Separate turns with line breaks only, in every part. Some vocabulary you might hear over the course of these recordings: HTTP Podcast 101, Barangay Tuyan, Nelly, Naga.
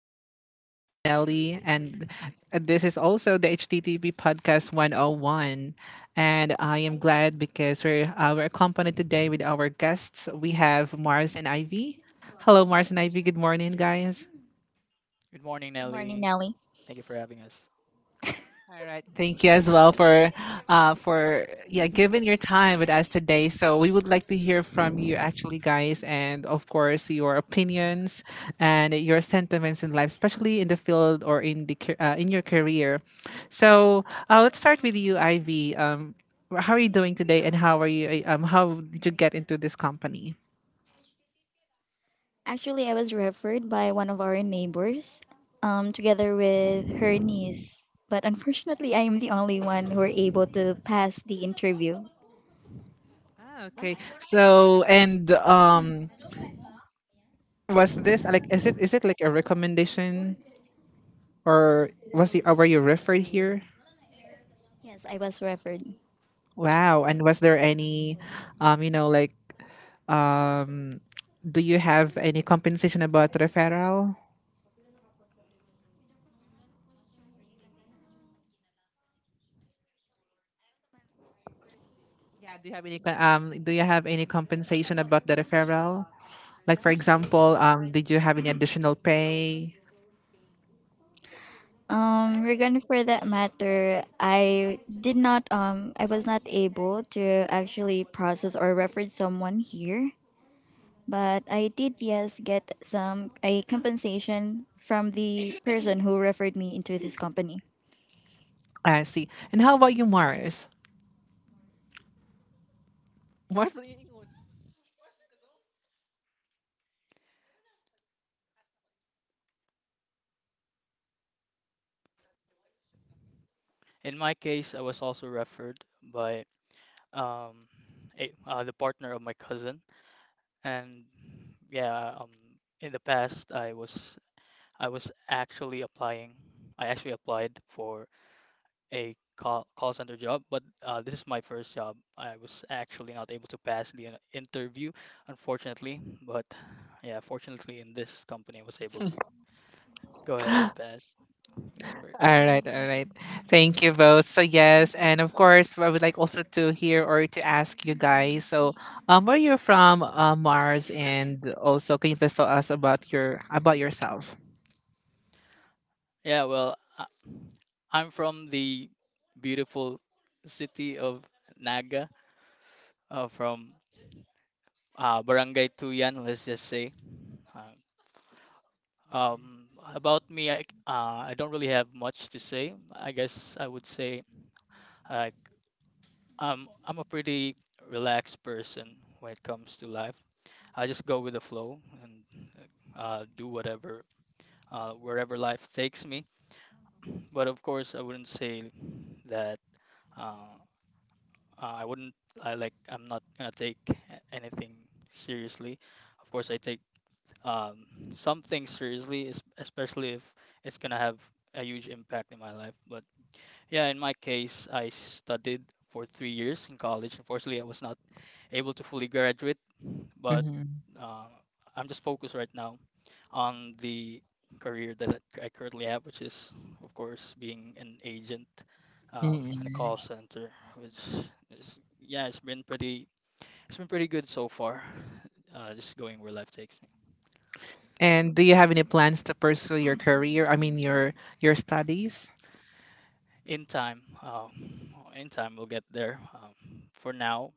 This is your host, Nelly, and this is also the HTTP Podcast 101. And I am glad because we're accompanied today with our guests. We have Mars and Ivy. Hello, Mars and Ivy. Good morning, guys.
Good morning,
Good morning,
Nelly.
Nelly.
Thank you for having us.
All right. Thank you as well for giving your time with us today. So we would like to hear from you, actually, guys, and of course your opinions and your sentiments in life, especially in the field or in the in your career. So let's start with you, Ivy. How are you doing today, and how are you? How did you get into this company?
Actually, I was referred by one of our neighbors, together with her niece. But unfortunately, I am the only one who were able to pass the interview.
Ah, okay. So and was this like is it like a recommendation? Or were you referred here?
Yes, I was referred.
Wow. And was there any, um, you know, like, um, do you have any compensation about referral? Yeah. Do you have any Do you have any compensation about the referral? Like, for example, did you have any additional pay?
Regarding for that matter, I did not I was not able to actually process or refer someone here, but I did, yes, get some a compensation from the person who referred me into this company.
I see. And how about you, Mars? Mars, ano yung ingon?
In my case, I was also referred by um, the partner of my cousin, and yeah, um, in the past, I was actually applying. I actually applied for a call center job, but this is my first job. I was actually not able to pass the interview, unfortunately. But yeah, fortunately, in this company, I was able to go ahead and pass. It's a miracle.
All right, all right. Thank you both. So yes, and of course, I would like also to hear or to ask you guys. So, where you're from, Mars, and also can you please tell us about your about yourself?
Yeah, well, I'm from the beautiful city of Naga, from Barangay Tuyan, let's just say. Uh, about me, I I don't really have much to say. I guess I would say uh, I'm a pretty relaxed person when it comes to life. I just go with the flow and do whatever, wherever life takes me. But of course, I wouldn't say that. Uh, I wouldn't. I like. I'm not gonna take anything seriously. Of course, I take um, some things seriously, especially if it's gonna have a huge impact in my life. But yeah, in my case, I studied for 3 years in college. Unfortunately, I was not able to fully graduate, but
hmm
uh, I'm just focused right now on the career that I currently have, which is, of course, being an agent
hmm
in a call center, which is, yeah, it's been pretty good so far. Just going where life takes me.
And do you have any plans to pursue your career? I mean, your studies.
In time, uh, in time we'll get there. For now,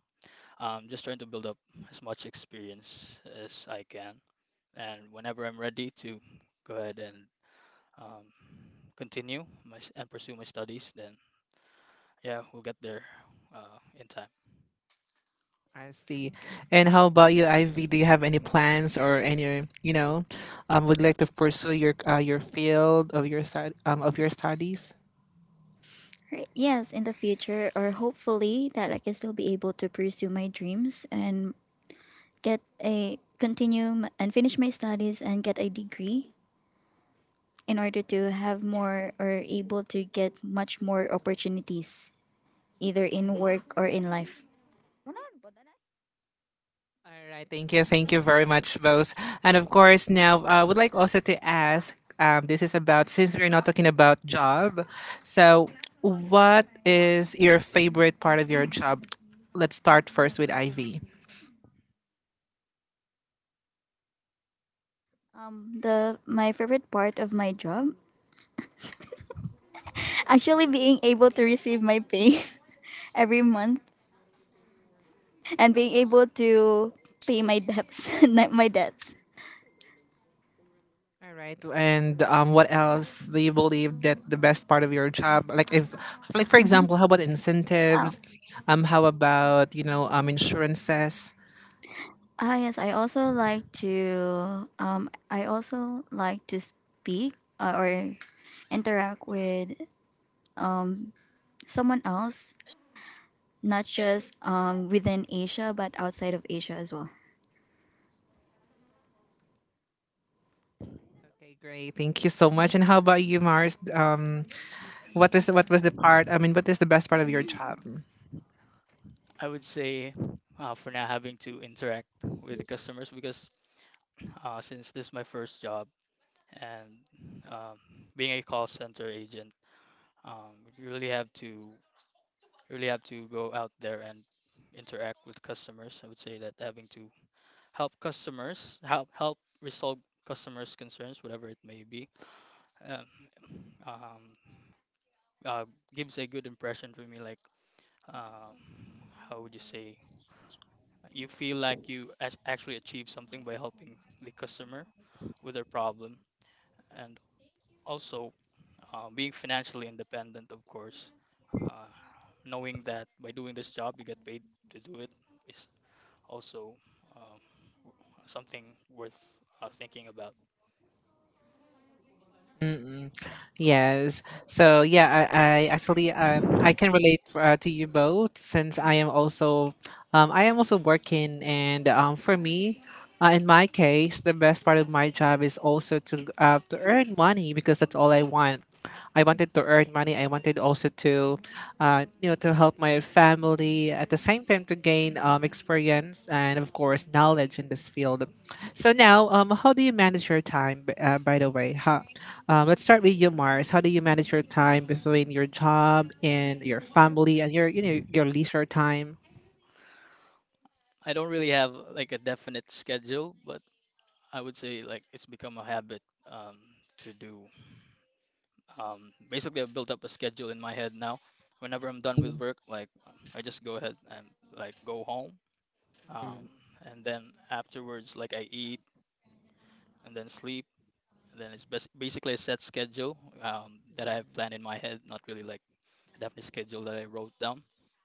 I'm just trying to build up as much experience as I can, and whenever I'm ready to go ahead and um, continue and pursue my studies, then yeah, we'll get there in time.
I see. And how about you, Ivy? Do you have any plans or any you know, would like to pursue your field of your stud of your studies?
Right. Yes, in the future, or hopefully that I can still be able to pursue my dreams and get a continue and finish my studies and get a degree in order to have more or able to get much more opportunities either in work or in life.
All right, thank you. Thank you very much, both. And of course, now I would like also to ask this is about, since we're not talking about job, so what is your favorite part of your job? Let's start first with Ivy.
The my favorite part of my job actually being able to receive my pay every month and being able to pay my debts, not my debts.
All right, and what else do you believe that the best part of your job, like if, like for example, how about incentives? How about you know insurances?
Ah, yes, I also like to I also like to speak or interact with someone else, not just within Asia but outside of Asia as well.
Okay, great, thank you so much. And how about you, Mars? What is what was the part? I mean, what is the best part of your job?
I would say for now having to interact with the customers because since this is my first job and um, being a call center agent. You really have to you really have to go out there and interact with customers. I would say that having to help customers help resolve customers' concerns, whatever it may be, um, um, uh, gives a good impression for me. Like, um, how would you say? You feel like you actually achieve something by helping the customer with their problem, and also being financially independent, of course. Uh, knowing that by doing this job, you get paid to do it is also um, something worth thinking about.
Mm-mm. Yes. So yeah, I actually I can relate to you both since I am also working, and for me, in my case, the best part of my job is also to earn money because that's all I want. I wanted to earn money. I wanted also to, to help my family at the same time to gain experience and of course knowledge in this field. So now, how do you manage your time? By the way, huh? Let's start with you, Mars. How do you manage your time between your job and your family and your you know your leisure time?
I don't really have like a definite schedule, but I would say like it's become a habit um, to do. Basically, I've built up a schedule in my head now. Whenever I'm done with work, like I just go ahead and like go home, um,
Mm,
and then afterwards, like I eat and then sleep, and then it's basically a set schedule that I have planned in my head, not really like a definite schedule that I wrote down.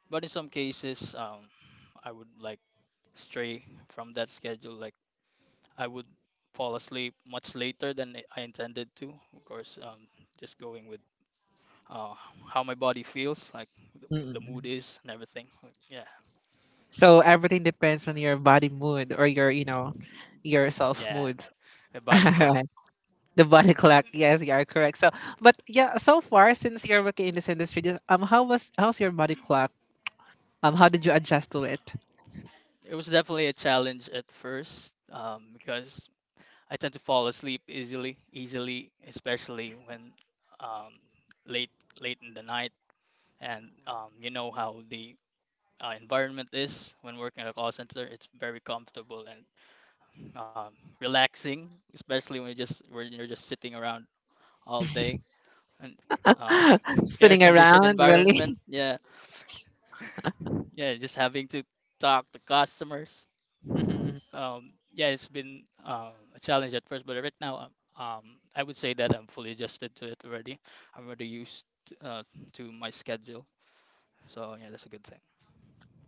But in some cases, I would like stray from that schedule. Like I would fall asleep much later than I intended to. Of course, just going with uh, how my body feels, like the, the mood
mm.
is and everything. Like, yeah,
So everything depends on your body mood or your, you know, your self
yeah,
mood.
my body clock.
Alright, the body clock. Yes, you are correct. So, but yeah, so far since you're working in this industry, just, how was how's your body clock? How did you adjust to it?
It was definitely a challenge at first because I tend to fall asleep easily, especially when um, late, late in the night. And you know how the environment is when working at a call center. It's very comfortable and um, relaxing, especially when you just when you're just sitting around all day and um, air
Sitting
conditioned
around,
environment.
really?
Yeah, yeah, just having to talk to customers.
Mhm.
Yeah, it's been a challenge at first, but right now, um, I would say that I'm fully adjusted to it already. I'm already used uh, to my schedule, so yeah, that's a good thing.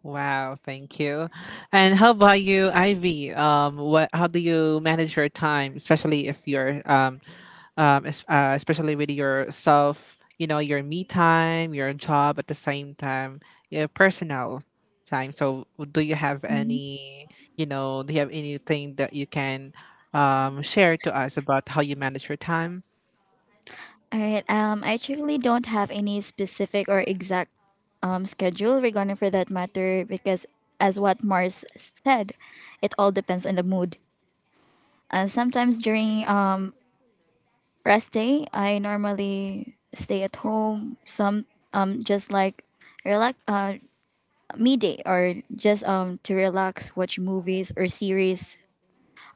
Wow, thank you. And how about you, Ivy? What? How do you manage your time, especially if you're especially with yourself? You know, your me time, your job at the same time, your personal time. So, do you have any? You know, do you have anything that you can share to us about how you manage your time?
All right. I actually don't have any specific or exact schedule regarding for that matter because, as what Mars said, it all depends on the mood. Sometimes during rest day, I normally stay at home. Some, just like relax, me day, or just to relax, watch movies or series,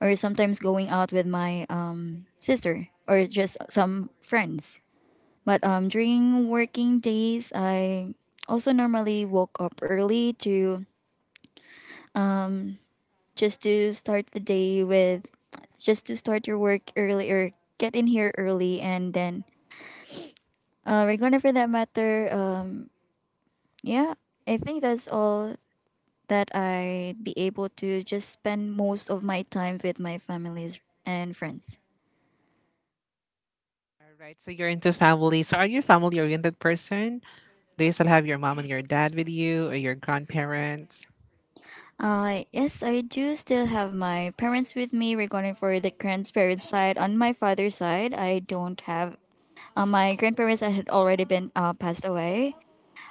or sometimes going out with my sister or just some friends. But during working days, I also normally woke up early to just to start the day with just to start your work early or get in here early, and then we're gonna for that matter. Yeah, I think that's all that I be able to just spend most of my time with my families and friends.
All right. So you're into family. So are you a family oriented person? Do you still have your mom and your dad with you or your grandparents?
Yes, I do still have my parents with me. Regarding for the grandparent side, on my father's side, I don't have my grandparents; that had already been passed away.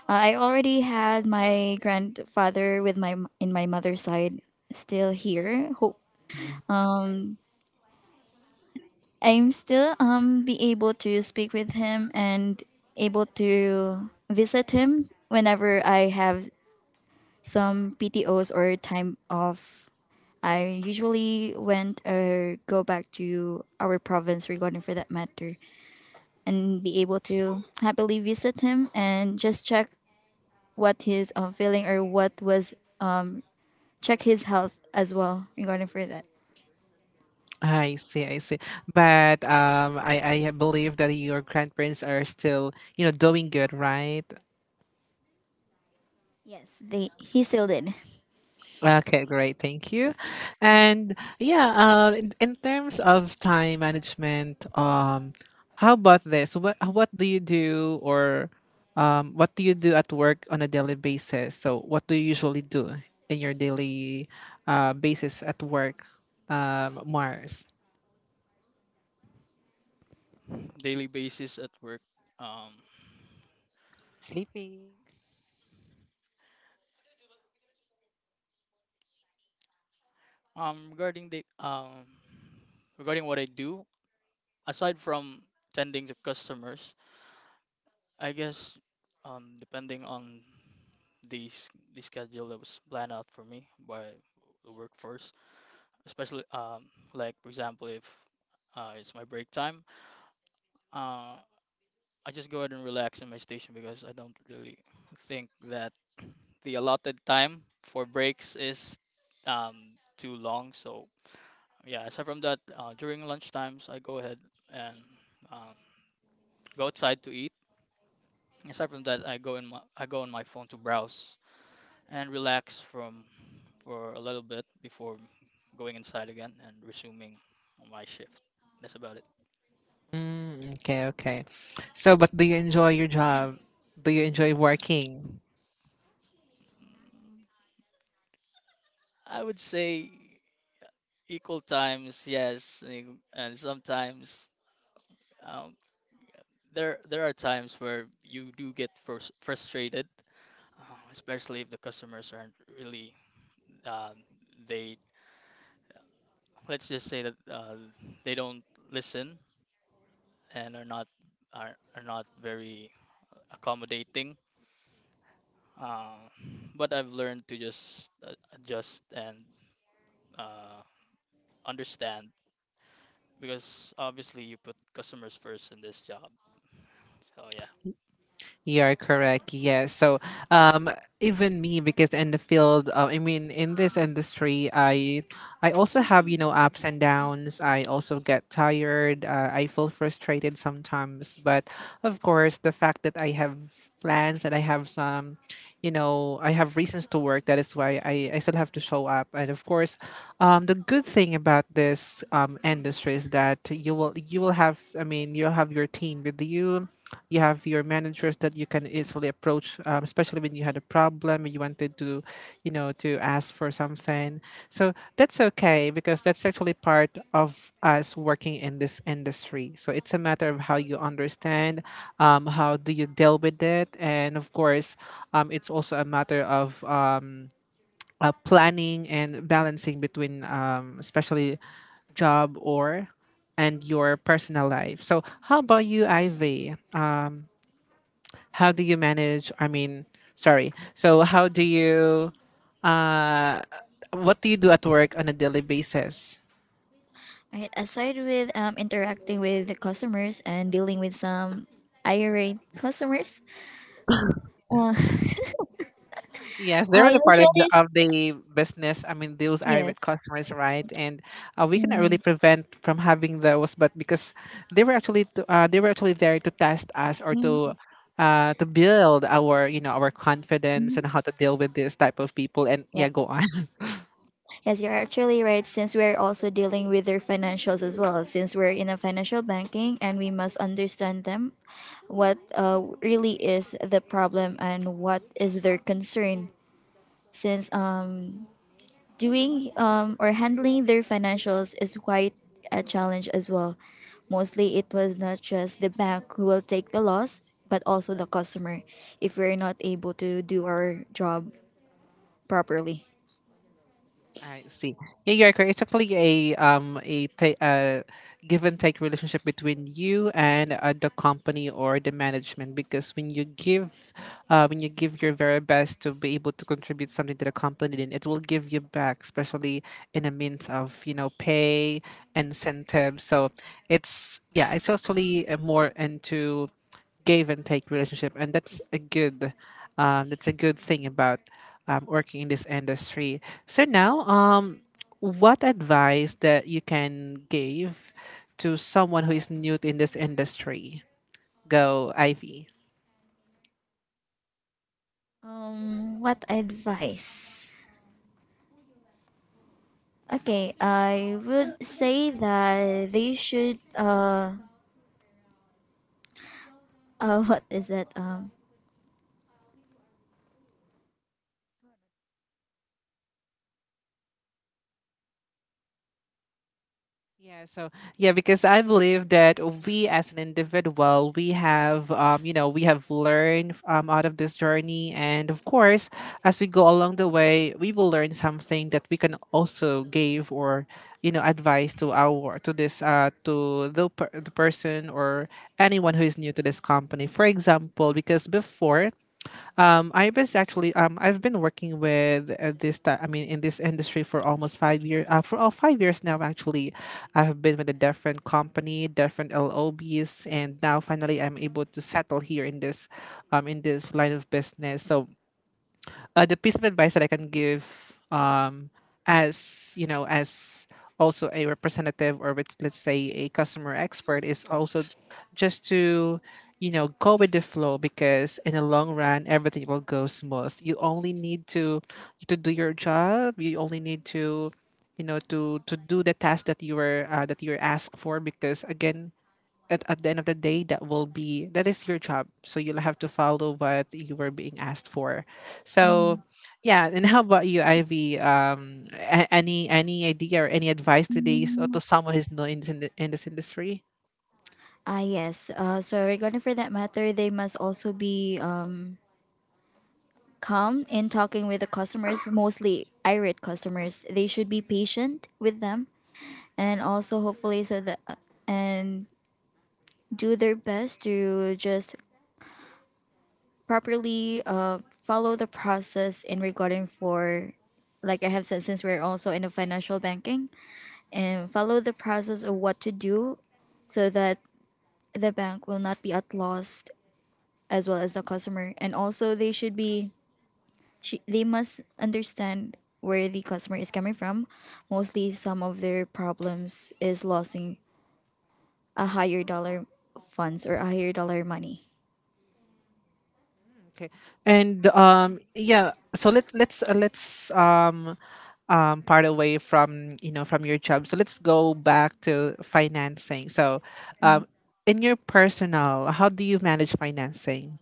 I already had my grandfather with my in my mother's side still here. Hope
Mhm.
um. I'm still be able to speak with him and able to visit him whenever I have some PTOs or time off. I usually went or go back to our province regarding for that matter and be able to happily visit him and just check what his, feeling, or what was, um check his health as well regarding for that.
I see, I see. But I believe that your grandparents are still, you know, doing good, right?
Yes, they, he still did.
Okay, great. Thank you. And yeah, in terms of time management, how about this? What do you do or what do you do at work on a daily basis? So what do you usually do in your daily basis at work, Mars?
Daily basis at work. Um,
Sleeping.
Regarding the regarding what I do, aside from tending to customers, I guess depending on the s- the schedule that was planned out for me by the workforce, especially like for example if it's my break time, uh I just go ahead and relax in my station because I don't really think that the allotted time for breaks is too long. So yeah, aside from that, during lunch times I go ahead and uh, go outside to eat. Aside from that, I go on my phone to browse and relax from for a little bit before going inside again and resuming my shift. That's about it.
Mm, okay, okay. So, but do you enjoy your job? Do you enjoy working?
I would say equal times, yes, and sometimes um, there there are times where you do get frustrated, especially if the customers aren't really um, they let's just say that they don't listen and are not are not very accommodating. Uh, but I've learned to just adjust and uh, understand because obviously you put customers first in this job. So yeah.
You are correct. Yes. So, um, even me, because in the field, I mean, in this industry, I also have you know ups and downs. I also get tired. I feel frustrated sometimes. But of course, the fact that I have plans and I have some you know I have reasons to work that is why I still have to show up and of course the good thing about this industry is that you will have I mean you'll have your team with you, you have your managers that you can easily approach especially when you had a problem when you wanted to you know to ask for something, so that's okay because that's actually part of us working in this industry, so it's a matter of how you understand how do you deal with it and of course it's also a matter of planning and balancing between especially job or and your personal life. So how about you, Ivy? How do you manage? I mean, sorry. So how do you uh, what do you do at work on a daily basis?
Right. Aside with interacting with the customers and dealing with some irate customers, uh,
Yes,
I
they're the part of
usually
the, of
s-
the business. I mean, those irate
yes,
customers, right? And we cannot really
Mhm.
prevent from having those, but because they were actually to, they were actually there to test us or
Mhm.
to build our you know our confidence
Mhm.
and how to deal with this type of people. And yeah, go
Yes,
on.
yes, you're actually right. Since we're also dealing with their financials as well, since we're in a financial banking and we must understand them, what really is the problem and what is their concern. Since Doing, or handling their financials, is quite a challenge as well. Mostly, it was not just the bank who will take the loss, but also the customer if we're not able to do our job properly.
I see. Yeah, you're correct. It's actually a give and take relationship between you and the company or the management because when you give your very best to be able to contribute something to the company then it will give you back, especially in a means of you know pay incentives, so it's yeah it's actually more into give and take relationship and that's a good thing about working in this industry. So now what advice that you can give to someone who is new in this industry? Go, Ivy.
What advice? Okay, I would say that they should what is that um
Yeah, so yeah, because I believe that we as an individual, we have we have learned out of this journey, and of course, as we go along the way, we will learn something that we can also give or you know advice to our to this to the the person or anyone who is new to this company. For example, because before I was actually I've been working with this I mean in this industry for almost 5 years. For all 5 years now, actually, I have been with a different company, different LOBs, and now finally I'm able to settle here in this line of business. So the piece of advice that I can give as you know as also a representative or with, let's say a customer expert is also just to you know go with the flow because in the long run everything will go smooth, you only need to do your job, you only need to you know to do the task that you were that you're asked for because again at the end of the day that will be that is your job, so you'll have to follow what you were being asked for,
mm,
so yeah. And how about you, Ivy? Any idea or any advice to these or
mm,
to someone who's new in this industry?
ah, yes, so regarding for that matter, they must also be calm in talking with the customers, mostly irate customers. They should be patient with them, and also hopefully so that, and do their best to just properly follow the process in regarding for, like I have said, since we're also in a financial banking, and follow the process of what to do so that the bank will not be at loss as well as the customer. And also they should be, they must understand where the customer is coming from. Mostly, some of their problems is losing a higher dollar funds or a higher dollar money.
Okay. And yeah so let, let's part away from you know from your job. So let's go back to financing. So, um, in your personal, how do you manage financing?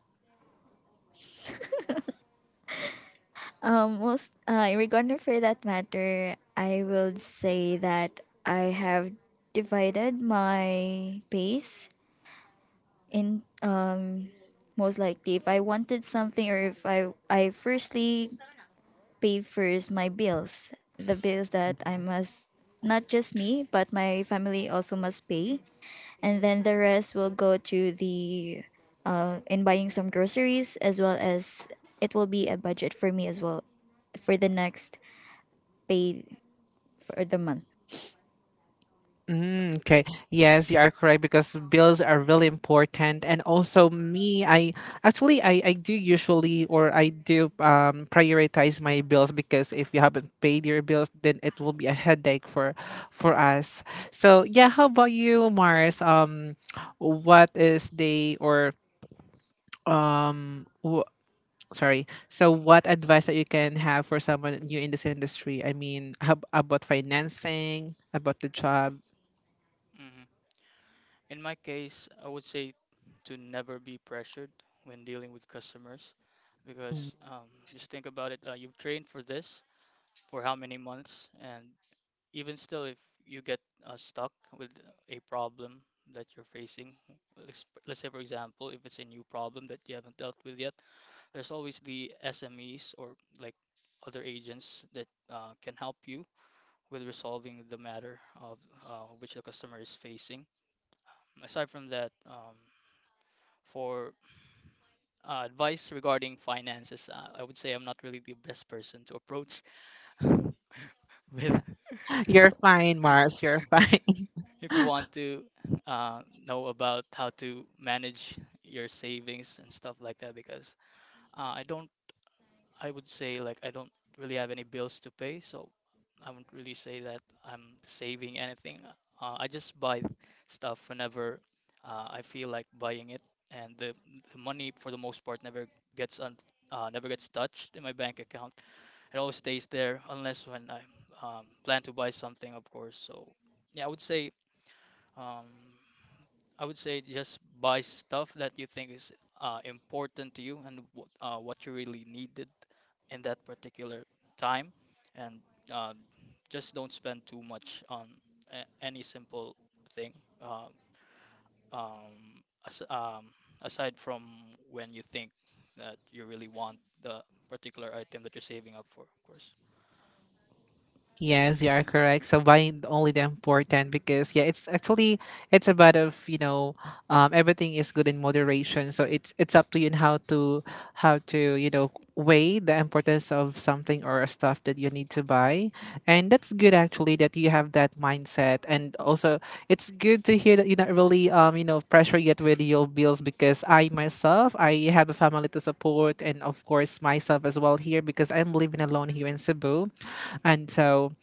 Most Regarding for that matter, I will say that I have divided my base in, most likely if I wanted something, or if I firstly pay first my bills, the bills that I must, not just me but my family also must pay, and then the rest will go to the, in buying some groceries, as well as it will be a budget for me as well for the next pay for the month.
Mm, okay. Yes, you are correct because bills are really important. And also me, I do usually or I do prioritize my bills because if you haven't paid your bills, then it will be a headache for us. So yeah, how about you, Mars? What is the or um w- sorry. So what advice that you can have for someone new in this industry? I mean, how, about financing, about the job?
hmm In my case, I would say to never be pressured when dealing with customers because just think about it. You've trained for this for how many months, and even still, if you get stuck with a problem that you're facing, let's say for example, if it's a new problem that you haven't dealt with yet, there's always the SMEs or like other agents that can help you with resolving the matter of which the customer is facing. Aside from that, for advice regarding finances, I would say I'm not really the best person to approach with
You're fine, Mars. You're fine.
if you want to uh, know about how to manage your savings and stuff like that because I don't I would say like I don't really have any bills to pay, so I wouldn't really say that I'm saving anything. I just buy stuff whenever I feel like buying it, and the money for the most part never gets un never gets touched in my bank account. It always stays there unless when I plan to buy something, of course. So yeah, um, I would say just buy stuff that you think is important to you and what you really needed in that particular time, and uh, just don't spend too much on any simple thing. Uh, um, as, um, Aside from when you think that you really want the particular item that you're saving up for, of course.
Yes, you are correct. So buying only the important because yeah, it's actually it's about of you know everything is good in moderation. So it's up to you and how to how to weigh the importance of something or a stuff that you need to buy, and that's good actually that you have that mindset. And also it's good to hear that you're not really pressure yet with your bills, because I myself, I have a family to support and of course myself as well here because I'm living alone here in Cebu. And so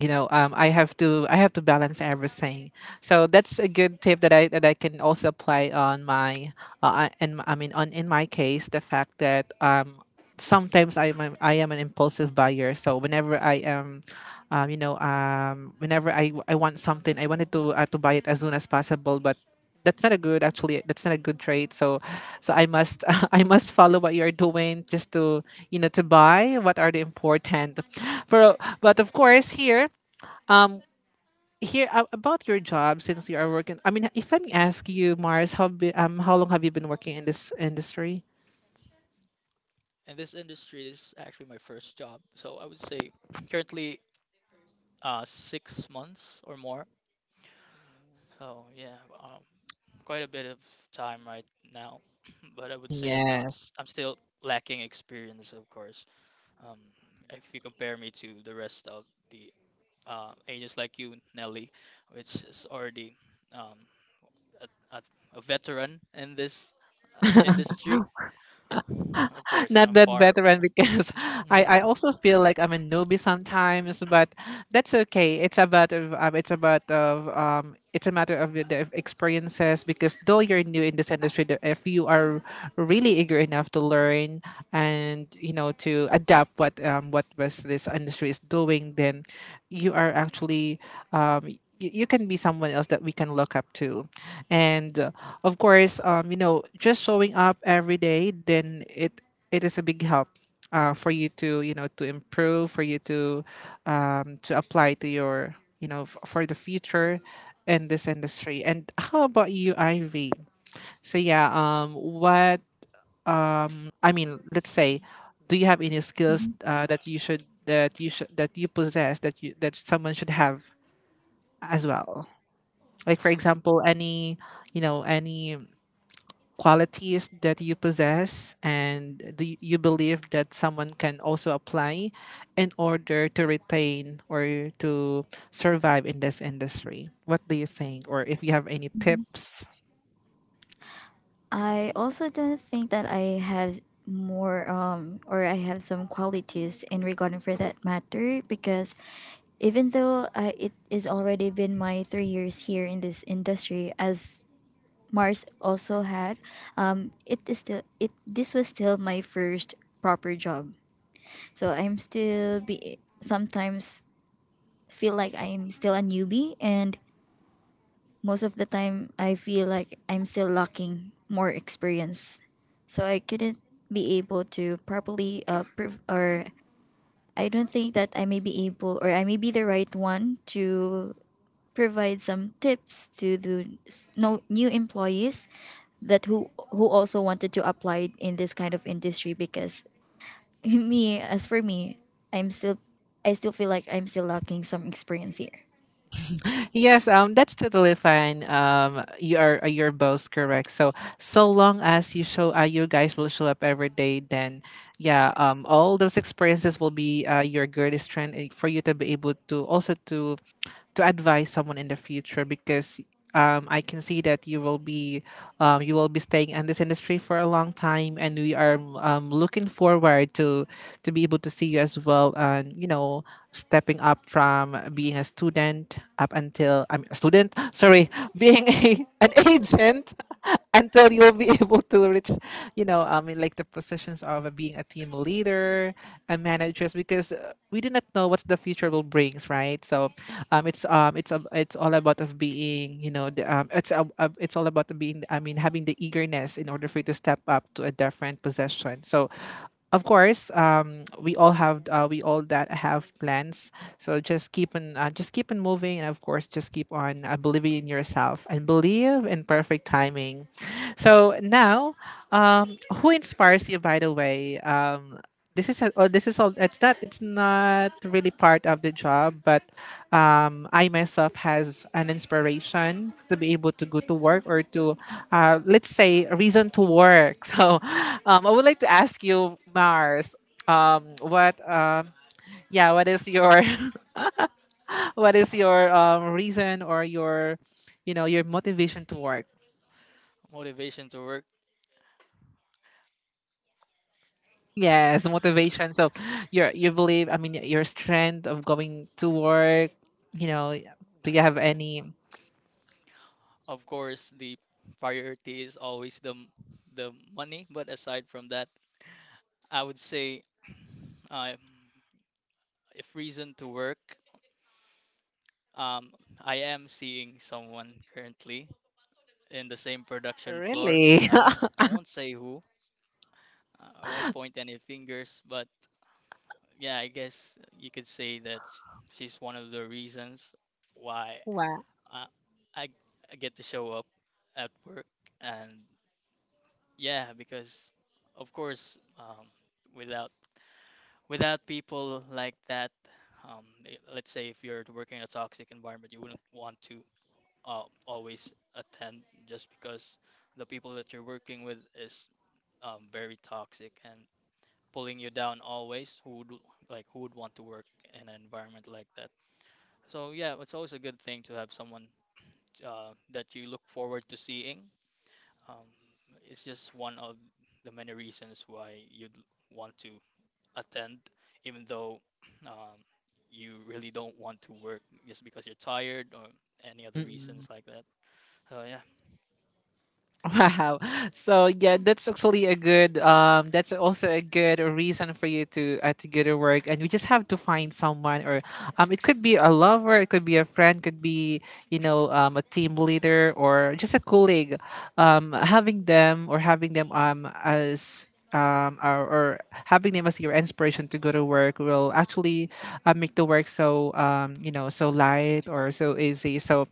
I have to balance everything. So that's a good tip that I can also apply on my and I mean on in my case, the fact that sometimes I am an impulsive buyer. So whenever I am whenever I want something, I wanted to buy it as soon as possible, but that's not a good trade. So I must I must follow what you're doing just to to buy what are the important. But of course here, um, here about your job, since you are working. I mean, if I may ask you, Mars, how long have you been working in this industry?
And this industry is actually my first job, so I would say currently 6 months or more. Oh yeah, um, quite a bit of time right now, but I would say I'm not.
Yes.
I'm still lacking experience, of course. Um, if you compare me to the rest of the agents like you, Nelly, which is already um, a, a, a veteran in this industry, of course,
Not
I'm
that
far.
veteran because I also feel like I'm a newbie sometimes, but that's okay. It's about of it's a matter of the experiences, because though you're new in this industry, if you are really eager enough to learn and you know to adapt what was this industry is doing, then you are actually um, you can be someone else that we can look up to. And of course, you know, just showing up every day, then it is a big help for you to you know to improve, for you to apply to your you know for the future in this industry. And how about you, Ivy? So yeah, what, I mean, let's say, do you have any skills that you should that you possess, that you, that someone should have as well? Like for example, any you know any qualities that you possess, and do you believe that someone can also apply in order to retain or to survive in this industry? What do you think, or if you have any tips?
I also don't think that I have more, or I have some qualities in regarding for that matter, because even though I, it is already been my 3 years here in this industry, as Mars also had, it is still it, this was still my first proper job. So I'm still be sometimes feel like I'm still a newbie, and most of the time I feel like I'm still lacking more experience. So I couldn't be able to properly or I don't think that I may be able or I may be the right one to provide some tips to the s- no, new employees that who also wanted to apply in this kind of industry, because me, as for me, I'm still, I still feel like I'm still lacking some experience here.
Yes, that's totally fine. You are you're both correct. So so long as you show, you guys will show up every day. Then, yeah, all those experiences will be your greatest strength, and for you to be able to also to advise someone in the future, because I can see that you will be staying in this industry for a long time, and we are looking forward to be able to see you as well, and you know stepping up from being a student up until I'm a student, sorry, being a, an agent until you'll be able to reach, you know, I mean, like the positions of being a team leader and managers, because we do not know what the future will brings, right? So, it's a, it's all about of being, you know, the, it's a, it's all about being, I mean, having the eagerness in order for you to step up to a different position. So, of course, we all that have plans. So just keep on moving, and of course, just keep on believing in yourself and believe in perfect timing. So now, um, who inspires you? By the way, this is a, oh, this is all it's not really part of the job, but I myself has an inspiration to be able to go to work, or to let's say a reason to work. So I would like to ask you, Mars, what yeah, what is your what is your reason or your you know your motivation to work.
Motivation to work,
Yes, motivation. So you're, you believe, I mean your strength of going to work, you know, do you have any?
of course, the priority is always the money. But aside from that, I would say. Uh, if reason to work, um, I am seeing someone currently in the same production floor.
Really?
I won't say who. Uh, I won't point any fingers, but yeah, I guess you could say that she's one of the reasons why
Wow.
I I, I get to show up at work. And yeah, because of course without without people like that let's say if you're working in a toxic environment, you wouldn't want to always attend just because the people that you're working with is very toxic and pulling you down always. Who would like who would want to work in an environment like that? So yeah, it's always a good thing to have someone that you look forward to seeing. Um, it's just one of the many reasons why you'd want to attend, even though um, you really don't want to work just because you're tired or any other
Mm-mm.
reasons like that. So yeah,
Wow. So yeah, that's actually a good that's also a good reason for you to go to work. And you just have to find someone, or um, it could be a lover, it could be a friend, could be you know a team leader or just a colleague. Having them, or having them as or having them as your inspiration to go to work will actually make the work so you know so light or so easy. So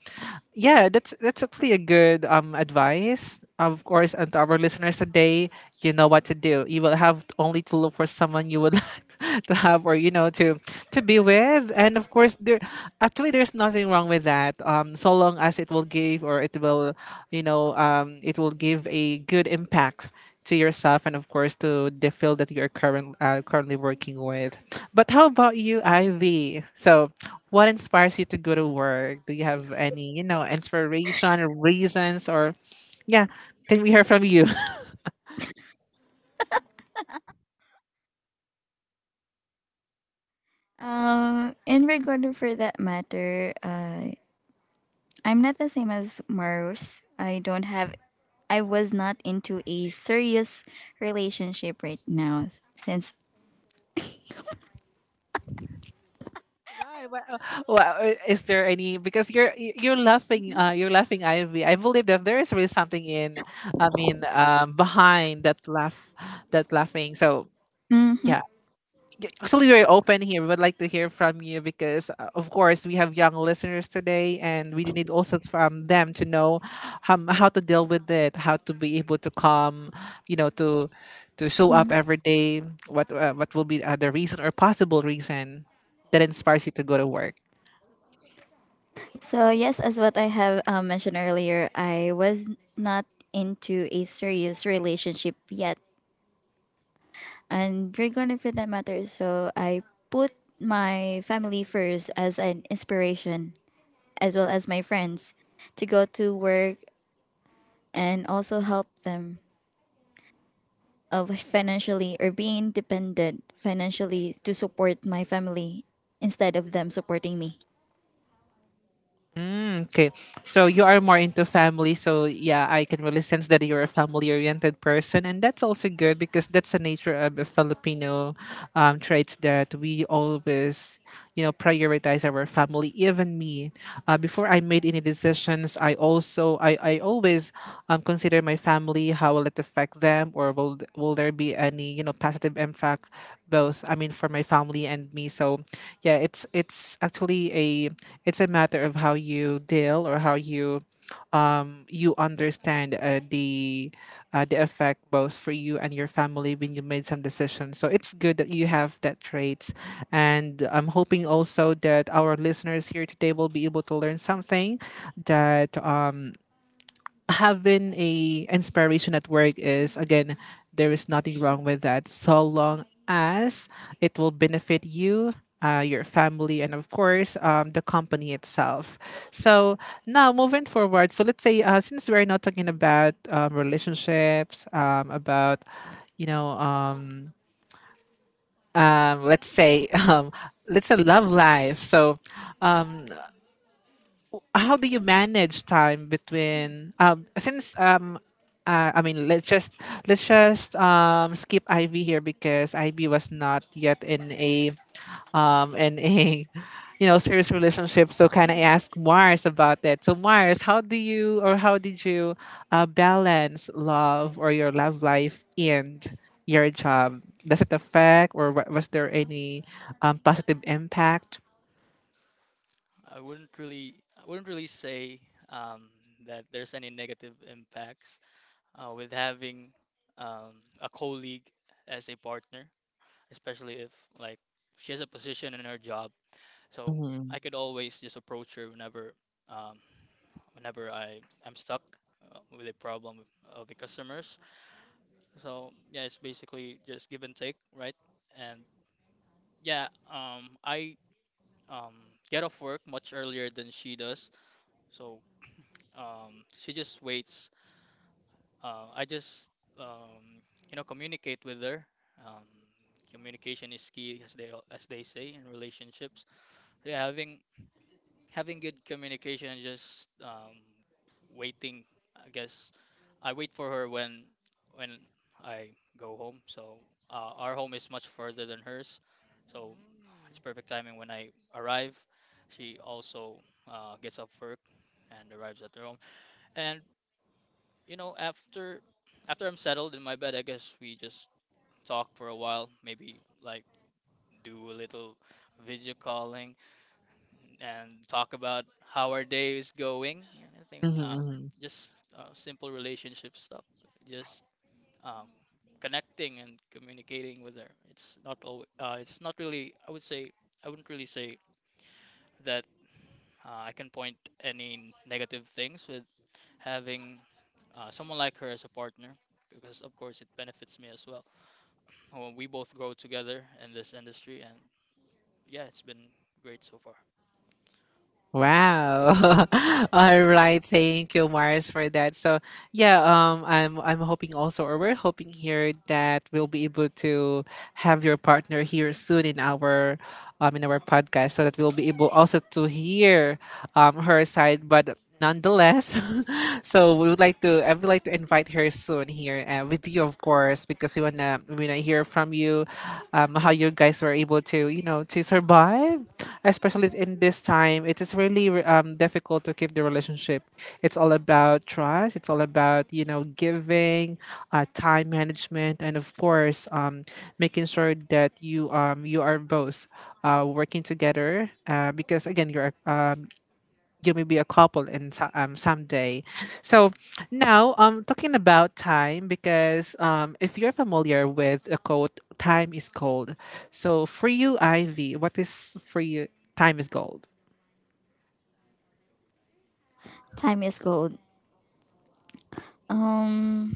yeah, that's actually a good advice. Of course, and to our listeners today, you know what to do. You will have love only to look for someone you would like to have, or you know, to be with. And of course there, actually there's nothing wrong with that, so long as it will give, or it will you know it will give a good impact to yourself and of course to the field that you're current, currently working with. But how about you, Ivy? So what inspires you to go to work? Do you have any you know inspiration or reasons, or yeah, can we hear from you?
In regard for that matter, I'm not the same as Maros. I don't have, I was not into a serious relationship right now, since
Why? Why? Uh, well, is there any? Because you're you're laughing. You're laughing, Ivy. I believe that there is really something in. I mean, behind that laugh, that laughing. So
Mhm,
yeah, actually, we're open here. We would like to hear from you because, of course, we have young listeners today, and we need also from them to know how to deal with it, how to be able to come, you know, to show up
mhm.
every day. What will be the reason or possible reason that inspires you to go to work?
So yes, as what I have mentioned earlier, I was not into a serious relationship yet, and you're gonna for that matter. So I put my family first as an inspiration, as well as my friends, to go to work and also help them of financially, or being independent financially to support my family instead of them supporting me.
Mm, okay. So you are more into family. So yeah, I can really sense that you're a family-oriented person, and that's also good because that's the nature of the Filipino traits that we always, you know, prioritize our family. Even me, before I made any decisions, I also I always consider my family. How will it affect them, or will there be any you know positive impact both, I mean for my family and me. So yeah, it's actually a it's a matter of how you deal or how you you understand the effect both for you and your family when you made some decisions. So it's good that you have that traits. And I'm hoping also that our listeners here today will be able to learn something, that having a inspiration at work is again, there is nothing wrong with that so long as it will benefit you, your family, and of course the company itself. So now moving forward, so let's say, since we're not talking about relationships, about you know let's say let's say love life. So how do you manage time between since I mean let's just skip Ivy here because Ivy was not yet in a you know serious relationship. So can I ask Mars about that? So Mars, how do you or how did you balance love or your love life and your job? Does it affect, or was there any positive impact?
I wouldn't really say um, that there's any negative impacts with having a colleague as a partner, especially if like she has a position in her job. So
Mm-hmm.
I could always just approach her whenever, um, whenever I am stuck with a problem of the customers. So yeah, it's basically just give and take, right? And yeah, I um, get off work much earlier than she does. So um, she just waits. I just um, you know communicate with her. Um, communication is key, as they as they say in relationships. So, yeah, having good communication and just waiting. I guess I wait for her when I go home. So our home is much further than hers, so it's perfect timing when I arrive. She also gets off work and arrives at her home. And you know, after after I'm settled in my bed, I guess we just talk for a while, maybe like do a little video calling and talk about how our day is going. And I think
Mm-hmm.
just simple relationship stuff, just um, connecting and communicating with her. It's not really, I would say, I wouldn't really say that I can point any negative things having someone like her as a partner because of course it benefits me as well. Well, we both grow together in this industry, and yeah, it's been great so far.
Wow. All right. Thank you, Mars, for that. So yeah, I'm hoping also, or we're hoping here, that we'll be able to have your partner here soon in our podcast, so that we'll be able also to hear her side, but nonetheless. So we would like to, I would like to invite her soon here with you, of course, because we wanna hear from you, how you guys were able to you know to survive, especially in this time. It is really difficult to keep the relationship. It's all about trust. It's all about you know giving, time management, and of course, making sure that you you are both working together, because again you're a, you may be a couple in someday. So now talking about time, because if you're familiar with the quote, time is gold. So for you, Ivy, what is for you time is gold?
Time is gold. Um,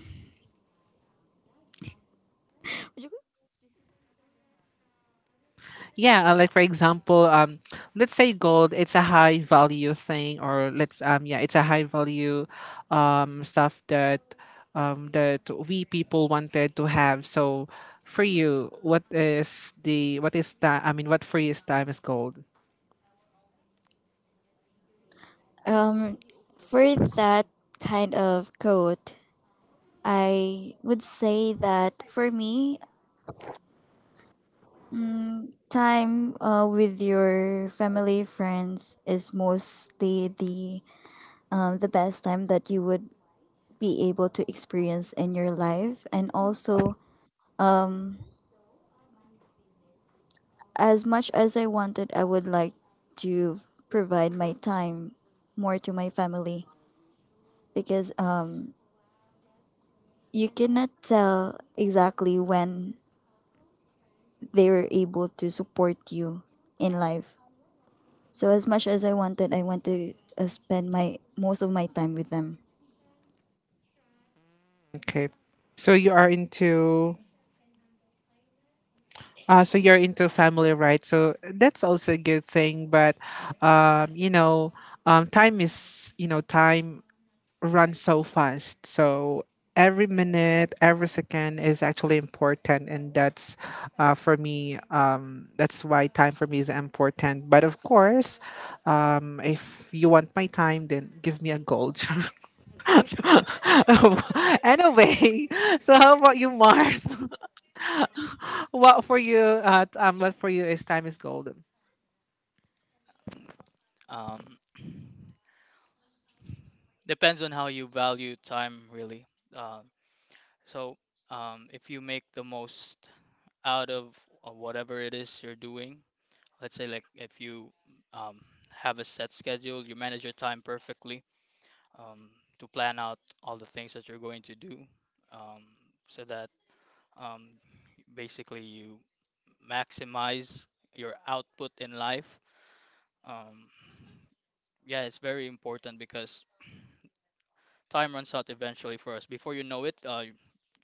Yeah, like for example, let's say gold, it's a high value thing, or let's it's a high value, stuff that, that we people wanted to have. So, for you, what is time? I mean, what for you is time is gold?
um, for that kind of quote, I would say that for me, time with your family friends is mostly the, the best time that you would be able to experience in your life. And also, as much as I wanted, I would like to provide my time more to my family, because you cannot tell exactly when they were able to support you in life. So as much as I wanted, I want to spend my most of my time with them.
Okay, so you are into family, right? So that's also a good thing, but, um, you know, time is you know time run so fast. So every minute, every second is actually important, and that's for me. That's why time for me is important. But of course, if you want my time, then give me a gold. Anyway, so how about you, Mars? What for you? What for you is time is gold.
Um, depends on how you value time, really. Um, so if you make the most out of whatever it is you're doing, let's say like if you um, have a set schedule, you manage your time perfectly um, to plan out all the things that you're going to do. Um, so that Um, basically, you maximize your output in life. Um, yeah, it's very important because time runs out eventually for us. Before you know it,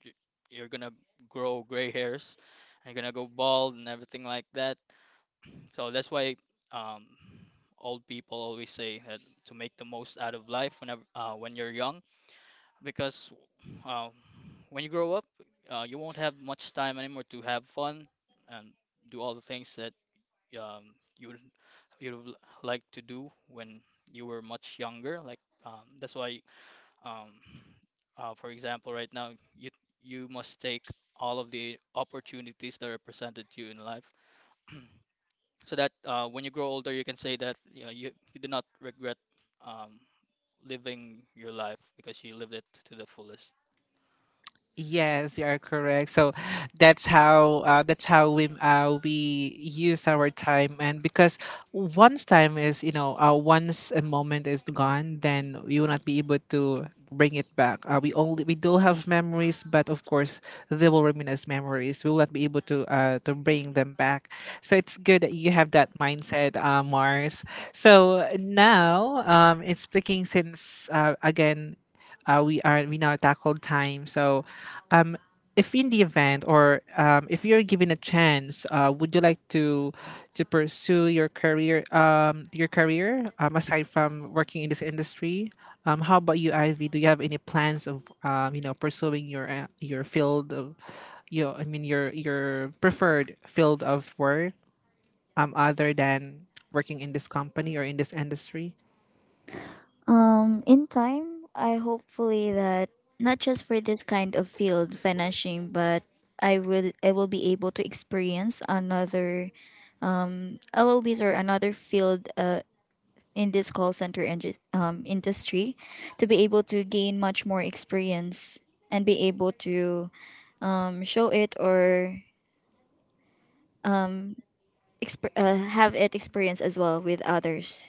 you- you're gonna grow gray hairs, and you're gonna go bald and everything like that. So that's why um, old people always say that to make the most out of life whenever when you're young, because uh, when you grow up, you won't have much time anymore to have fun and do all the things that um, you would you would like to do when you were much younger. Like um, that's why, um, for example, right now you must take all of the opportunities that are presented to you in life, so that when you grow older, you can say that you do not regret um, living your life because you lived it to the fullest.
Yes, you are correct. So that's how we use our time, and because once a moment is gone, then you will not be able to bring it back. We do have memories, but of course they will remain as memories. We will not be able to bring them back. So it's good that you have that mindset, Mars. So now, it's speaking since again we are we now tackled time. So um, if in the event or if you're given a chance, would you like to pursue your career, aside from working in this industry? How about you, Ivy? Do you have any plans of pursuing your, field of your, I mean, your preferred field of work, other than working in this company or in this industry?
In time, I hopefully that, not just for this kind of field financing, but I will, I will be able to experience another LOBs or another field in this call center industry, to be able to gain much more experience and be able to show it or have it experience as well with others.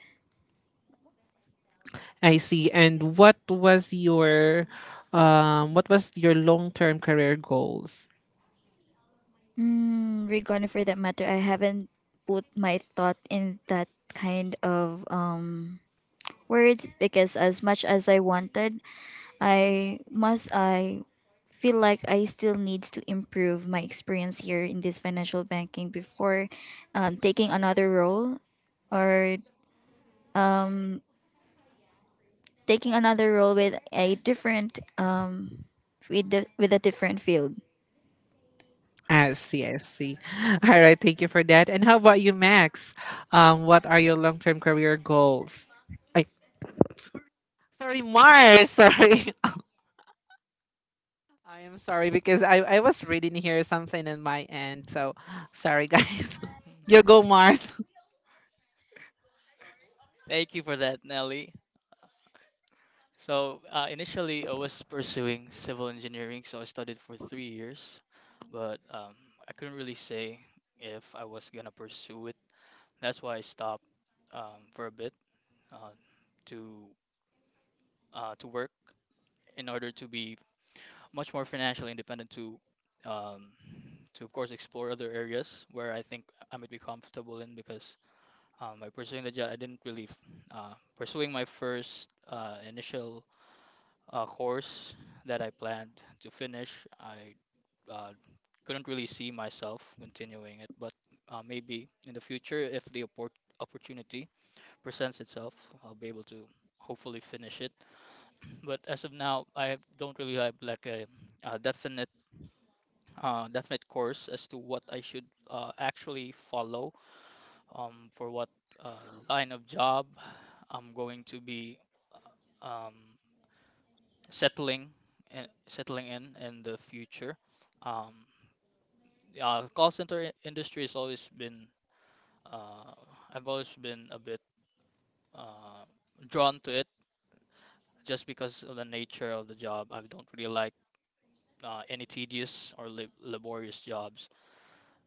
I see. And what was your long-term career goals?
Mm, regarding for that matter, I haven't put my thought in that kind of, worried, because as much as I wanted, I must I feel like I still need to improve my experience here in this financial banking before taking another role, or taking another role with a different, with the, with a different field.
I see, I see. All right, thank you for that. And how about you, Max? What are your long-term career goals? I, Sorry, Mars. Sorry, I am sorry because I was reading here something in my end. So sorry, guys. You go, Mars.
Thank you for that, Nelly. So initially, I was pursuing civil engineering, so I studied for 3 years, but I couldn't really say if I was gonna pursue it. That's why I stopped for a bit uh, to to work in order to be much more financially independent um, to of course explore other areas where I think I might be comfortable in because by pursuing the job, I didn't really f- pursuing my first initial a course that I planned to finish. I uh, couldn't really see myself continuing it, but maybe in the future, if the opportunity presents itself, I'll be able to hopefully finish it. But as of now, don't really have like a definite definite course as to what I should actually follow for what line of job I'm going to be uh, um, settling and settling in the future. Um, call center industry has always been uh, I've always been a bit uh, drawn to it just because of the nature of the job. I don't really like any tedious or lab laborious jobs.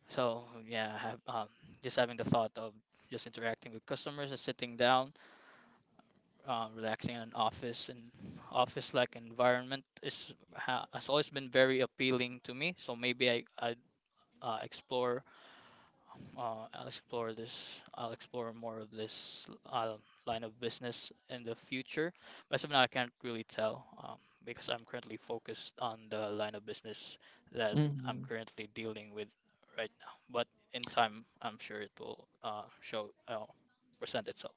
So yeah, I have just having the thought of just interacting with customers and sitting down, relaxing in an office and office-like environment is ha has always been very appealing to me. So maybe I explore. I'll explore this. I'll explore more of this line of business in the future. But as of now, I can't really tell because I'm currently focused on the line of business that I'm
Mhm.
currently dealing with right now. But in time, I'm sure it will present itself.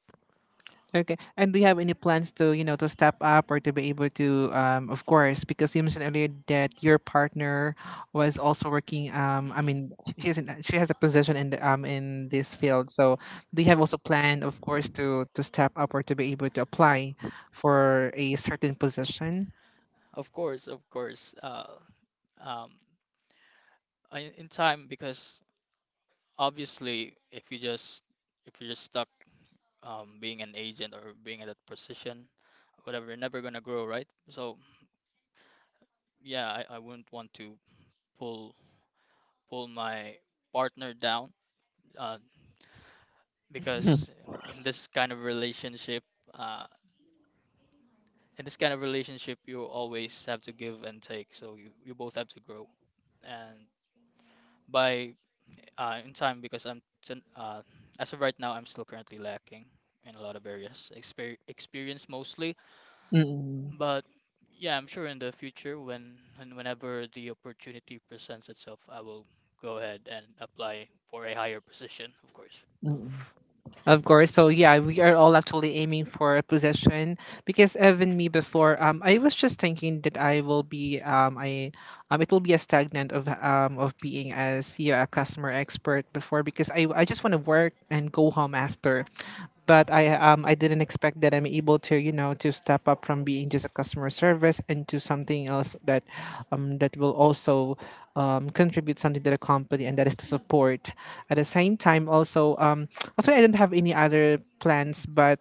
Okay. And do you have any plans to, to step up or to be able to, of course, because you mentioned earlier that your partner was also working, I
Hmm.
mean, she has a position in this
Yeah.
field. So do you have also plan, of course, to step up or to be able to apply for a certain position.
Of course, of course. Um, in time, because obviously, if you're just stuck being an agent or being at that position, whatever, you're never gonna grow, right? So yeah, I wouldn't want to pull pull my partner down uh, because in this kind of relationship, uh, in this kind of relationship, you always have to give and take. So you both have to grow. And by in time, because as of right now, I'm still currently lacking in a lot of areas. Exper experience mostly.
Mm,
But yeah, I'm sure in the future when and whenever the opportunity presents itself, I will go ahead and apply for a higher position, of course.
mm, mm. Of course. So yeah, we are all actually aiming for a position because even me before, I was just thinking that I will be I it will be a stagnant of being as yeah a customer expert before because I just want to work and go home after, but I didn't expect that I'm able to you know to step up from being just a customer service into something else that will also contribute something to the company and that is to support at the same time also also I don't have any other plans but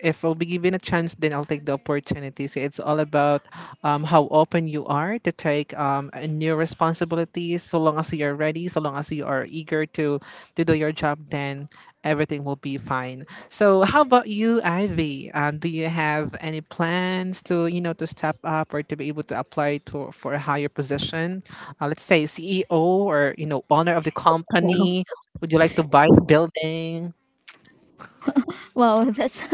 if I'll be given a chance, then I'll take the opportunity. So it's all about, how open you are to take, a new responsibilities. So long as you're ready, so long as you are eager to do your job, then everything will be fine. So how about you, Ivy? Do you have any plans to you know to step up or to be able to apply to for a higher position? Let's say CEO or owner of the company. Would you like to buy the building?
Wow, that's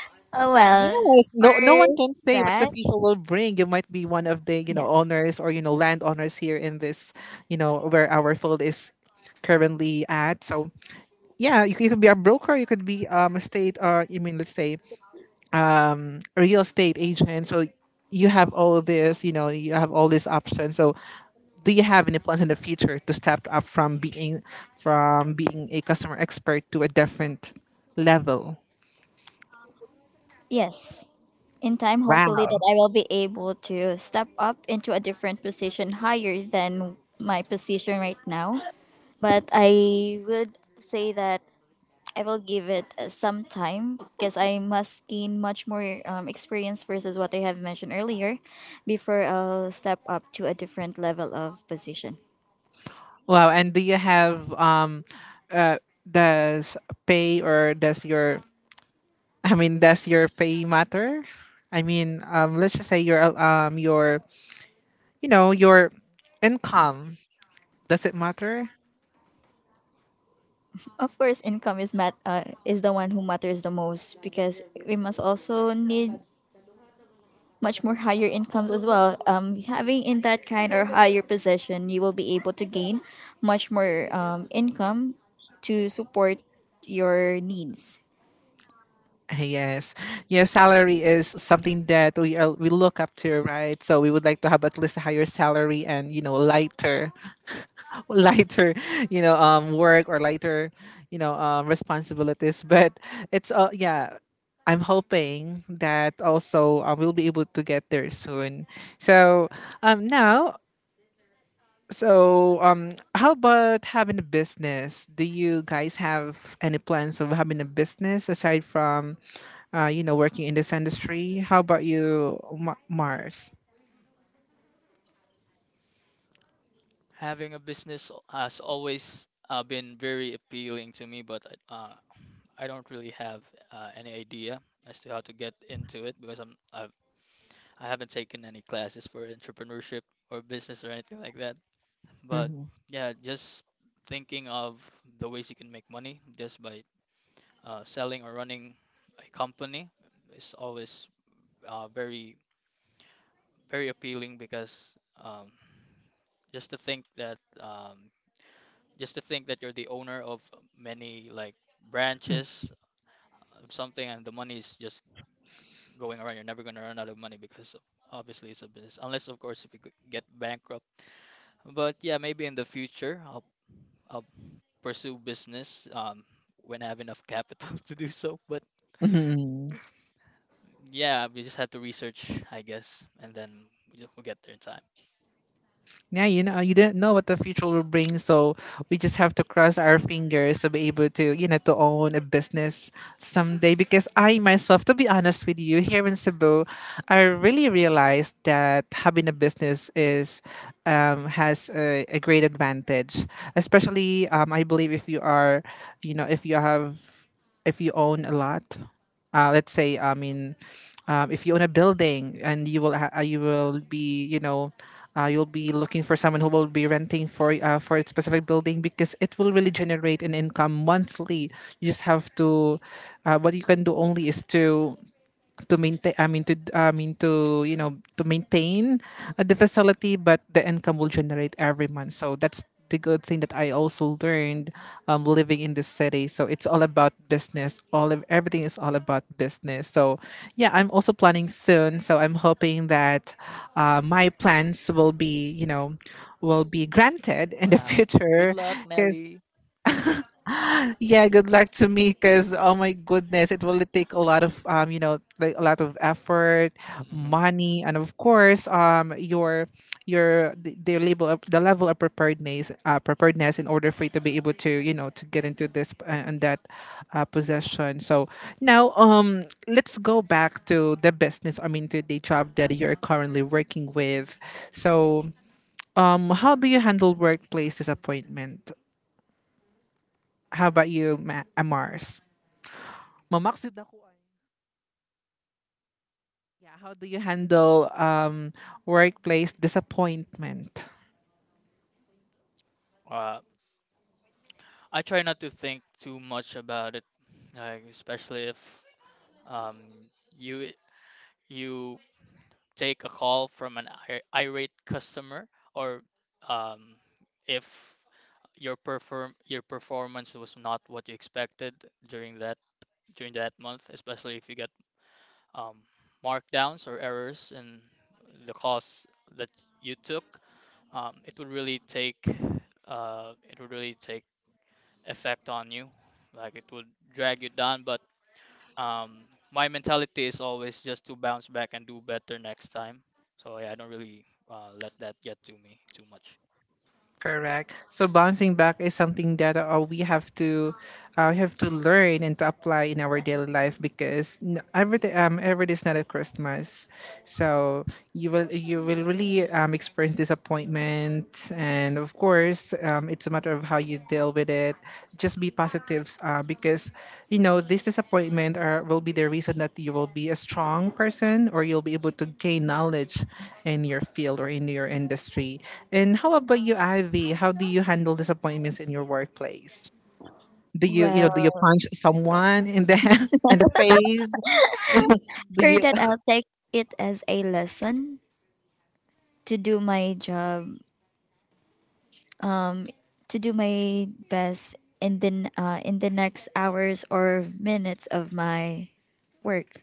oh, well.
Yes,
For
no, no one can say what's the
that,
future will bring. You might be one of the
yes.
owners or land owners here in this, where our field is currently at. So yeah, you could be a broker, you could be a state or you mean let's say a real estate agent. So you have all this, you have all these options. So do you have any plans in the future to step up from being a customer expert to a different level?
Yes. In time, hopefully,
Wow.
that I will be able to step up into a different position higher than my position right now. But I would say that I will give it some time, because I must gain much more experience versus what I have mentioned earlier before I'll step up to a different level of position.
Wow. And do you have, uh, does pay or does your, I mean, does your pay matter? I mean, let's just say your, you know your income, does it matter?
Of course, income is is the one who matters the most, because we must also need much more higher incomes as well. Having in that kind or higher position, you will be able to gain much more, income to support your needs.
Ah, yes, yes. Salary is something that we look up to, right? So we would like to have at least a higher salary and lighter lighter work or lighter responsibilities but it's yeah I'm hoping that also, we'll be able to get there soon, so now, so how about having a business? Do you guys have any plans of having a business aside from working in this industry? How about you, Mars?
Having a business al- has always been very appealing to me, but I don't really have any idea as to how to get into it because I've I haven't taken any classes for entrepreneurship or business or anything like that. But
Mm-hmm.
yeah, just thinking of the ways you can make money just by selling or running a company is always very very appealing because um, just to think that um, just to think that you're the owner of many like branches of something and the money is just going around. You're never going to run out of money because obviously it's a business, unless of course if you could get bankrupt. But yeah, maybe in the future I'll pursue business when I have enough capital to do so. But yeah, we just have to research, I guess, and then we'll get there in time.
Yeah, you didn't know what the future will bring, so we just have to cross our fingers to be able to own a business someday. Because I myself, to be honest with you, here in Cebu, I really realized that having a business is has a great advantage, especially, I believe, if you are, you know, if you have, if you own a lot, let's say, I mean, if you own a building and you will you will be you know you'll be looking for someone who will be renting for a specific building because it will really generate an income monthly. You just have to, what you can do only is to maintain, I mean, to, I mean, to you know to maintain, the facility, but the income will generate every month. So that's the good thing that I also learned, living in the city. So it's all about business. All of everything is all about business, so yeah, I'm also planning soon, so I'm hoping that, my plans will be you know
Uh,
will be granted in the
Wow. Good
future
luck,
because
Nelly.
yeah, good luck to me because oh my goodness, it will take a lot of, like a lot of effort,
Hmm.
money, and of course, your the level of preparedness, preparedness in order for you to be able to you know to get into this, and that, possession. So now, let's go back to the business. I mean, to the job that you're currently working with. So, how do you handle workplace disappointment? How about you, Amars? Mamaksud ako. Ay. Yeah, how do you handle, workplace disappointment?
Uh, I try not to think too much about it, like especially if um you you take a call from an irate customer or um if your performance was not what you expected during that during that month, especially if you get um, markdowns or errors in the course that you took, um, it would really take it would really take effect on you. Like it would drag you down. But um, my mentality is always just to bounce back and do better next time. So yeah, I don't really let that get to me too much.
Correct. So bouncing back is something that, we have to learn and to apply in our daily life because every day is not a Christmas, so you will really, experience disappointment, and of course, it's a matter of how you deal with it. Just be positives, because this disappointment will be the reason that you will be a strong person or you'll be able to gain knowledge in your field or in your industry. And how about you, Ivy? How do you handle disappointments in your workplace? Do you you know
Well,
do you punch someone in the in the face? Do
for
you?
that, I'll take it as a lesson to do my job, to do my best in the next hours or minutes of my work.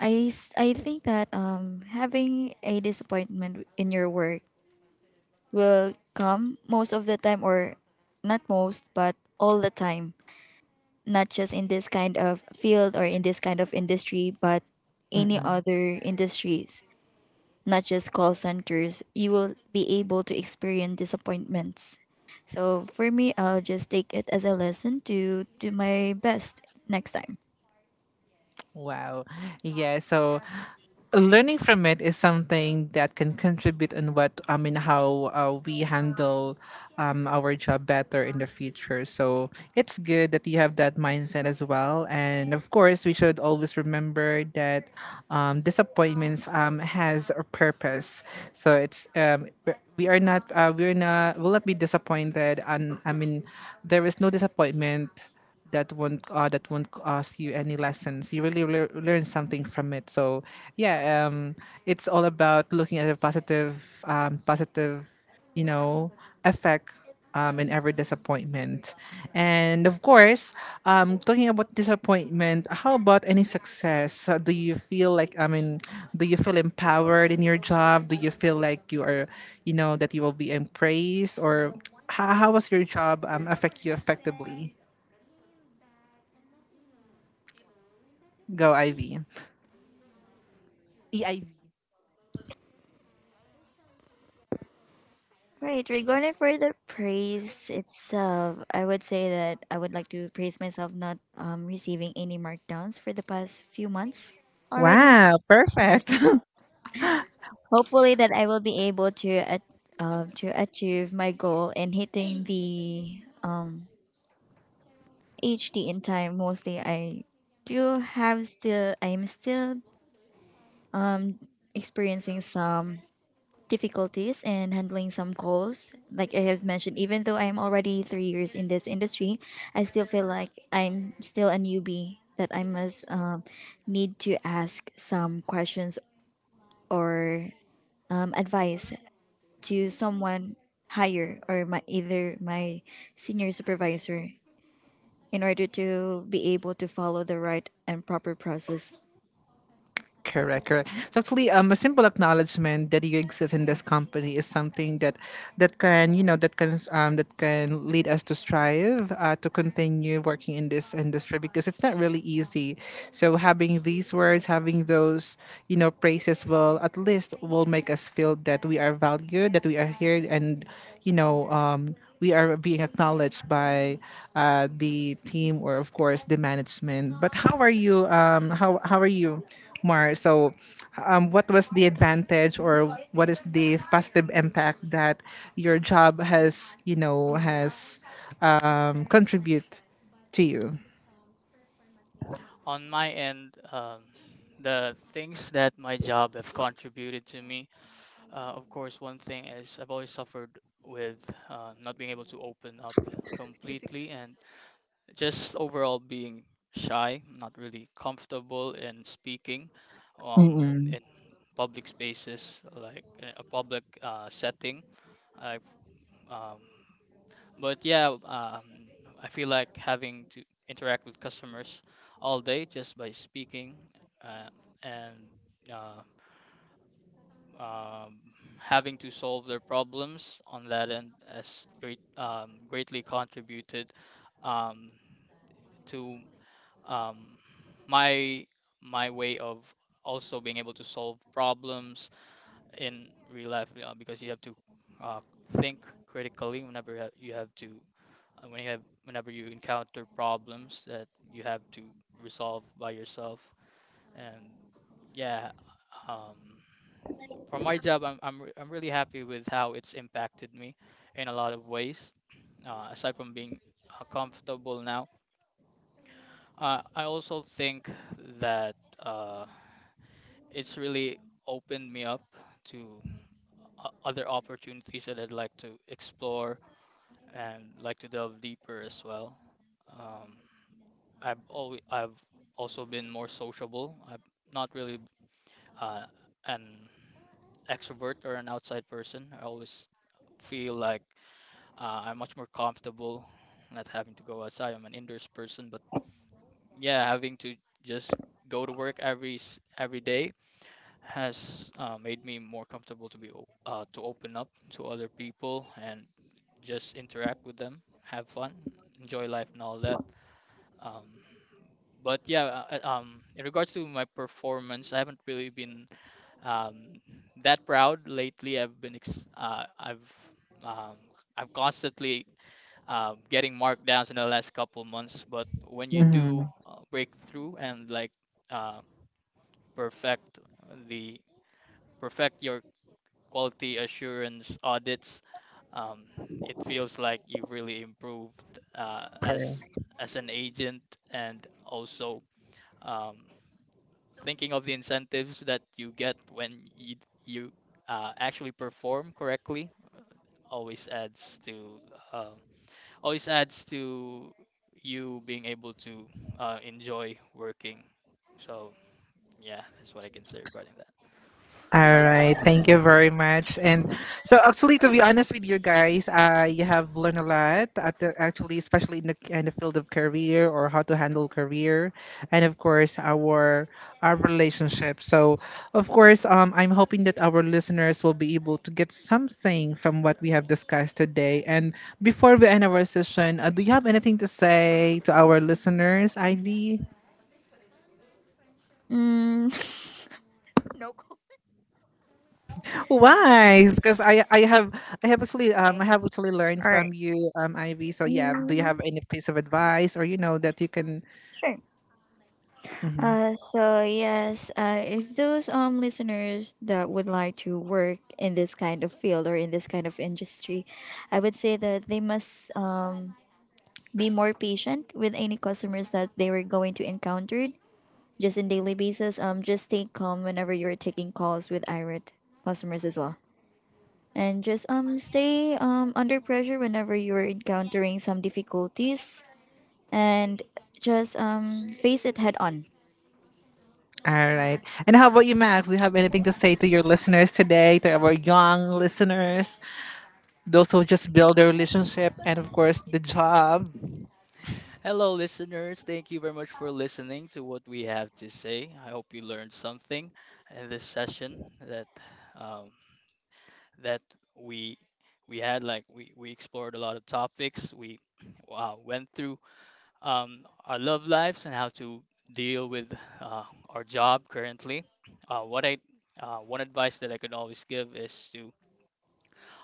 I think that, having a disappointment in your work will come most of the time, or not most but all the time, not just in this kind of field or in this kind of industry, but any
Mm-mm.
other industries, not just call centers. You will be able to experience disappointments. So for me, I'll just take it as a lesson to do my best next time.
Wow. Yeah. So learning from it is something that can contribute in what I mean how, we handle, our job better in the future. So it's good that you have that mindset as well. And of course, we should always remember that, disappointments, has a purpose. So it's we're- we are not we're not will not be disappointed. And I mean, there is no disappointment that won't cost you any lessons. You really learn something from it. So yeah, it's all about looking at the positive, positive, you know, effect. In every disappointment. And of course, talking about disappointment, how about any success? Do you feel like, I mean, do you feel empowered in your job? Do you feel like you are, that you will be praised? Or how was your job, affect you effectively? Go, Ivy. EIV.
Right, regarding for the praise itself, I would say that I would like to praise myself not receiving any markdowns for the past few months already.
Wow,
Yes,
perfect.
hopefully that I will be able to at, to achieve my goal in hitting the HD in time. Mostly, I do have still, I am still experiencing some difficulties in handling some calls. Like I have mentioned, even though I'm already 3 years in this industry, I still feel like I'm still a newbie that I must, need to ask some questions or, advice to someone higher, or my either my senior supervisor, in order to be able to follow the right and proper process.
Correct, correct. So actually, a simple acknowledgement that you exist in this company is something that that can you know that can lead us to strive, to continue working in this industry because it's not really easy. So having these words, having those praises will at least will make us feel that we are valued, that we are here, and we are being acknowledged by, the team or of course the management. But how are you? How are you? Mar, so, what was the advantage or what is the positive impact that your job has, contribute to you?
On my end, the things that my job have contributed to me. Of course, one thing is I've always suffered with not being able to open up completely and just overall being shy, not really comfortable in speaking
Mm-mm.
in public spaces, like in a public setting. I, um, but yeah, I feel like having to interact with customers all day just by speaking uh, and uh, um, having to solve their problems on that end has greatly contributed um, to um, my my way of also being able to solve problems in real life because you have to uh, think critically whenever ha- you have to when you have whenever you encounter problems that you have to resolve by yourself. And yeah, um for my job, I'm really happy with how it's impacted me in a lot of ways. Aside from being comfortable now, I also think that it's really opened me up to other opportunities that I'd like to explore and like to delve deeper as well. Um, I've also been more sociable. I'm not really uh, an extrovert or an outside person. I always feel like I'm much more comfortable not having to go outside. I'm an indoors person, but yeah, having to just go to work every day has made me more comfortable to to open up to other people and just interact with them, have fun, enjoy life, and all that. Um, but yeah, in regards to my performance, I haven't really been um, that proud lately. I've been ex I've um, I'm constantly getting markdowns in the last couple months. But when you
Mm-hmm.
do break through and like uh, perfect the perfect your quality assurance audits, um, it feels like you've really improved uh, as as an agent, and also um, thinking of the incentives that you get when you actually perform correctly always adds to uh, always adds to you being able to enjoy working. So yeah, that's what I can say regarding that.
All right. Thank you very much. And so, actually, to be honest with you guys, you have learned a lot. Actually, especially in the field of career or how to handle career, and of course our relationship. So, of course, I'm hoping that our listeners will be able to get something from what we have discussed today. And before we end our session, do you have anything to say to our listeners, Ivy?
Mm. no. co-
Why? Because I
Okay.
have actually learned
All right.
from you, Ivy. So yeah, do you
Mm,
have any piece of advice or that you can?
sure.
Mhm.
So yes, if those listeners that would like to work in this kind of field or in this kind of industry, I would say that they must be more patient with any customers that they were going to encounter just in daily basis. Just stay calm whenever you're taking calls with irate customers as well, and just stay under pressure whenever you're encountering some difficulties, and just face it head on.
All right. And how about you, Max? Do you have anything to say to your listeners today, to our young listeners, those who just build their relationship, and of course the job?
Hello, listeners. Thank you very much for listening to what we have to say. I hope you learned something in this session that um, that we we had like we explored a lot of topics. We wow, went through our love lives and how to deal with uh, our job currently. What I one advice that I can always give is to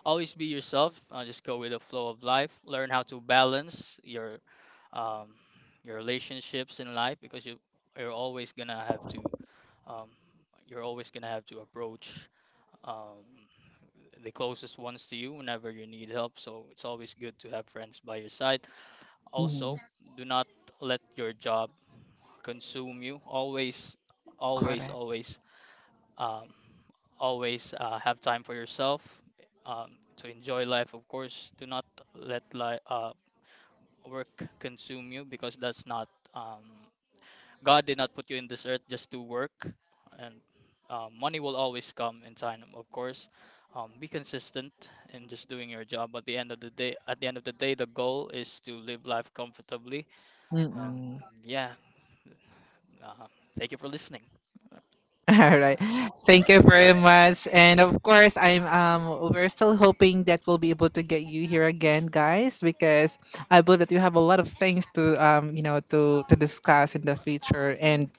always be yourself. Just go with the flow of life. Learn how to balance um, your relationships in life because you you're always gonna have to um, approach um, the closest ones to you whenever you need help. So it's always good to have friends by your side.
Mhm.
Also, do not let your job consume you. Always, always,
Correct.
always, um, have time for yourself to enjoy life. Of course, do not let li- uh, work consume you because that's not um, God did not put you in this earth just to work, and money will always come in time. Of course, be consistent in just doing your job. At the end of the day, at the end of the day, the goal is to live life comfortably. And
Mm-mm.
yeah, uh, thank you for listening.
All right. Thank you very much. And of course, I'm we're still hoping that we'll be able to get you here again, guys, because I believe that you have a lot of things to you know to discuss in the future. And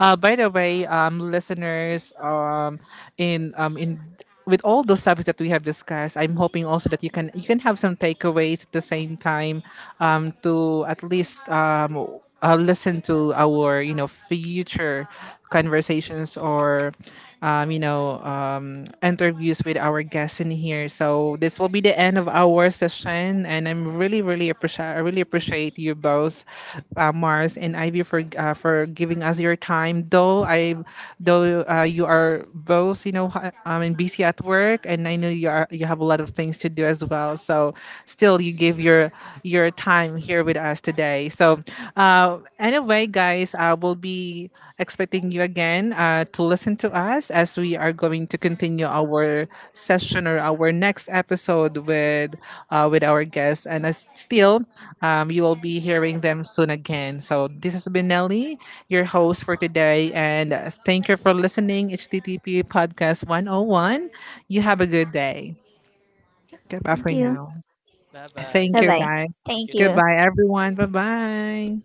by the way, listeners, in with all those topics that we have discussed, I'm hoping also that you can have some takeaways at the same time, to at least, listen to our, future conversations or, interviews with our guests in here. So this will be the end of our session, and I really appreciate you both, Mars and Ivy, for, for giving us your time, though I though you are both, I mean, busy at work, and I know you have a lot of things to do as well, so still you give your time here with us today. So, anyway, guys, I will be expecting you again, to listen to us as we are going to continue our session or our next episode with our guests. And as still, you will be hearing them soon again. So, this has been Nelly, your host for today. And thank you for listening, HTTP Podcast 101. You have a good day. Goodbye
Thank
for
you.
now.
Bye bye.
Thank
Bye
Thank
you,
bye.
you.
guys.
Thank you,
Thank you.
Nelly.
Goodbye, everyone. Bye bye.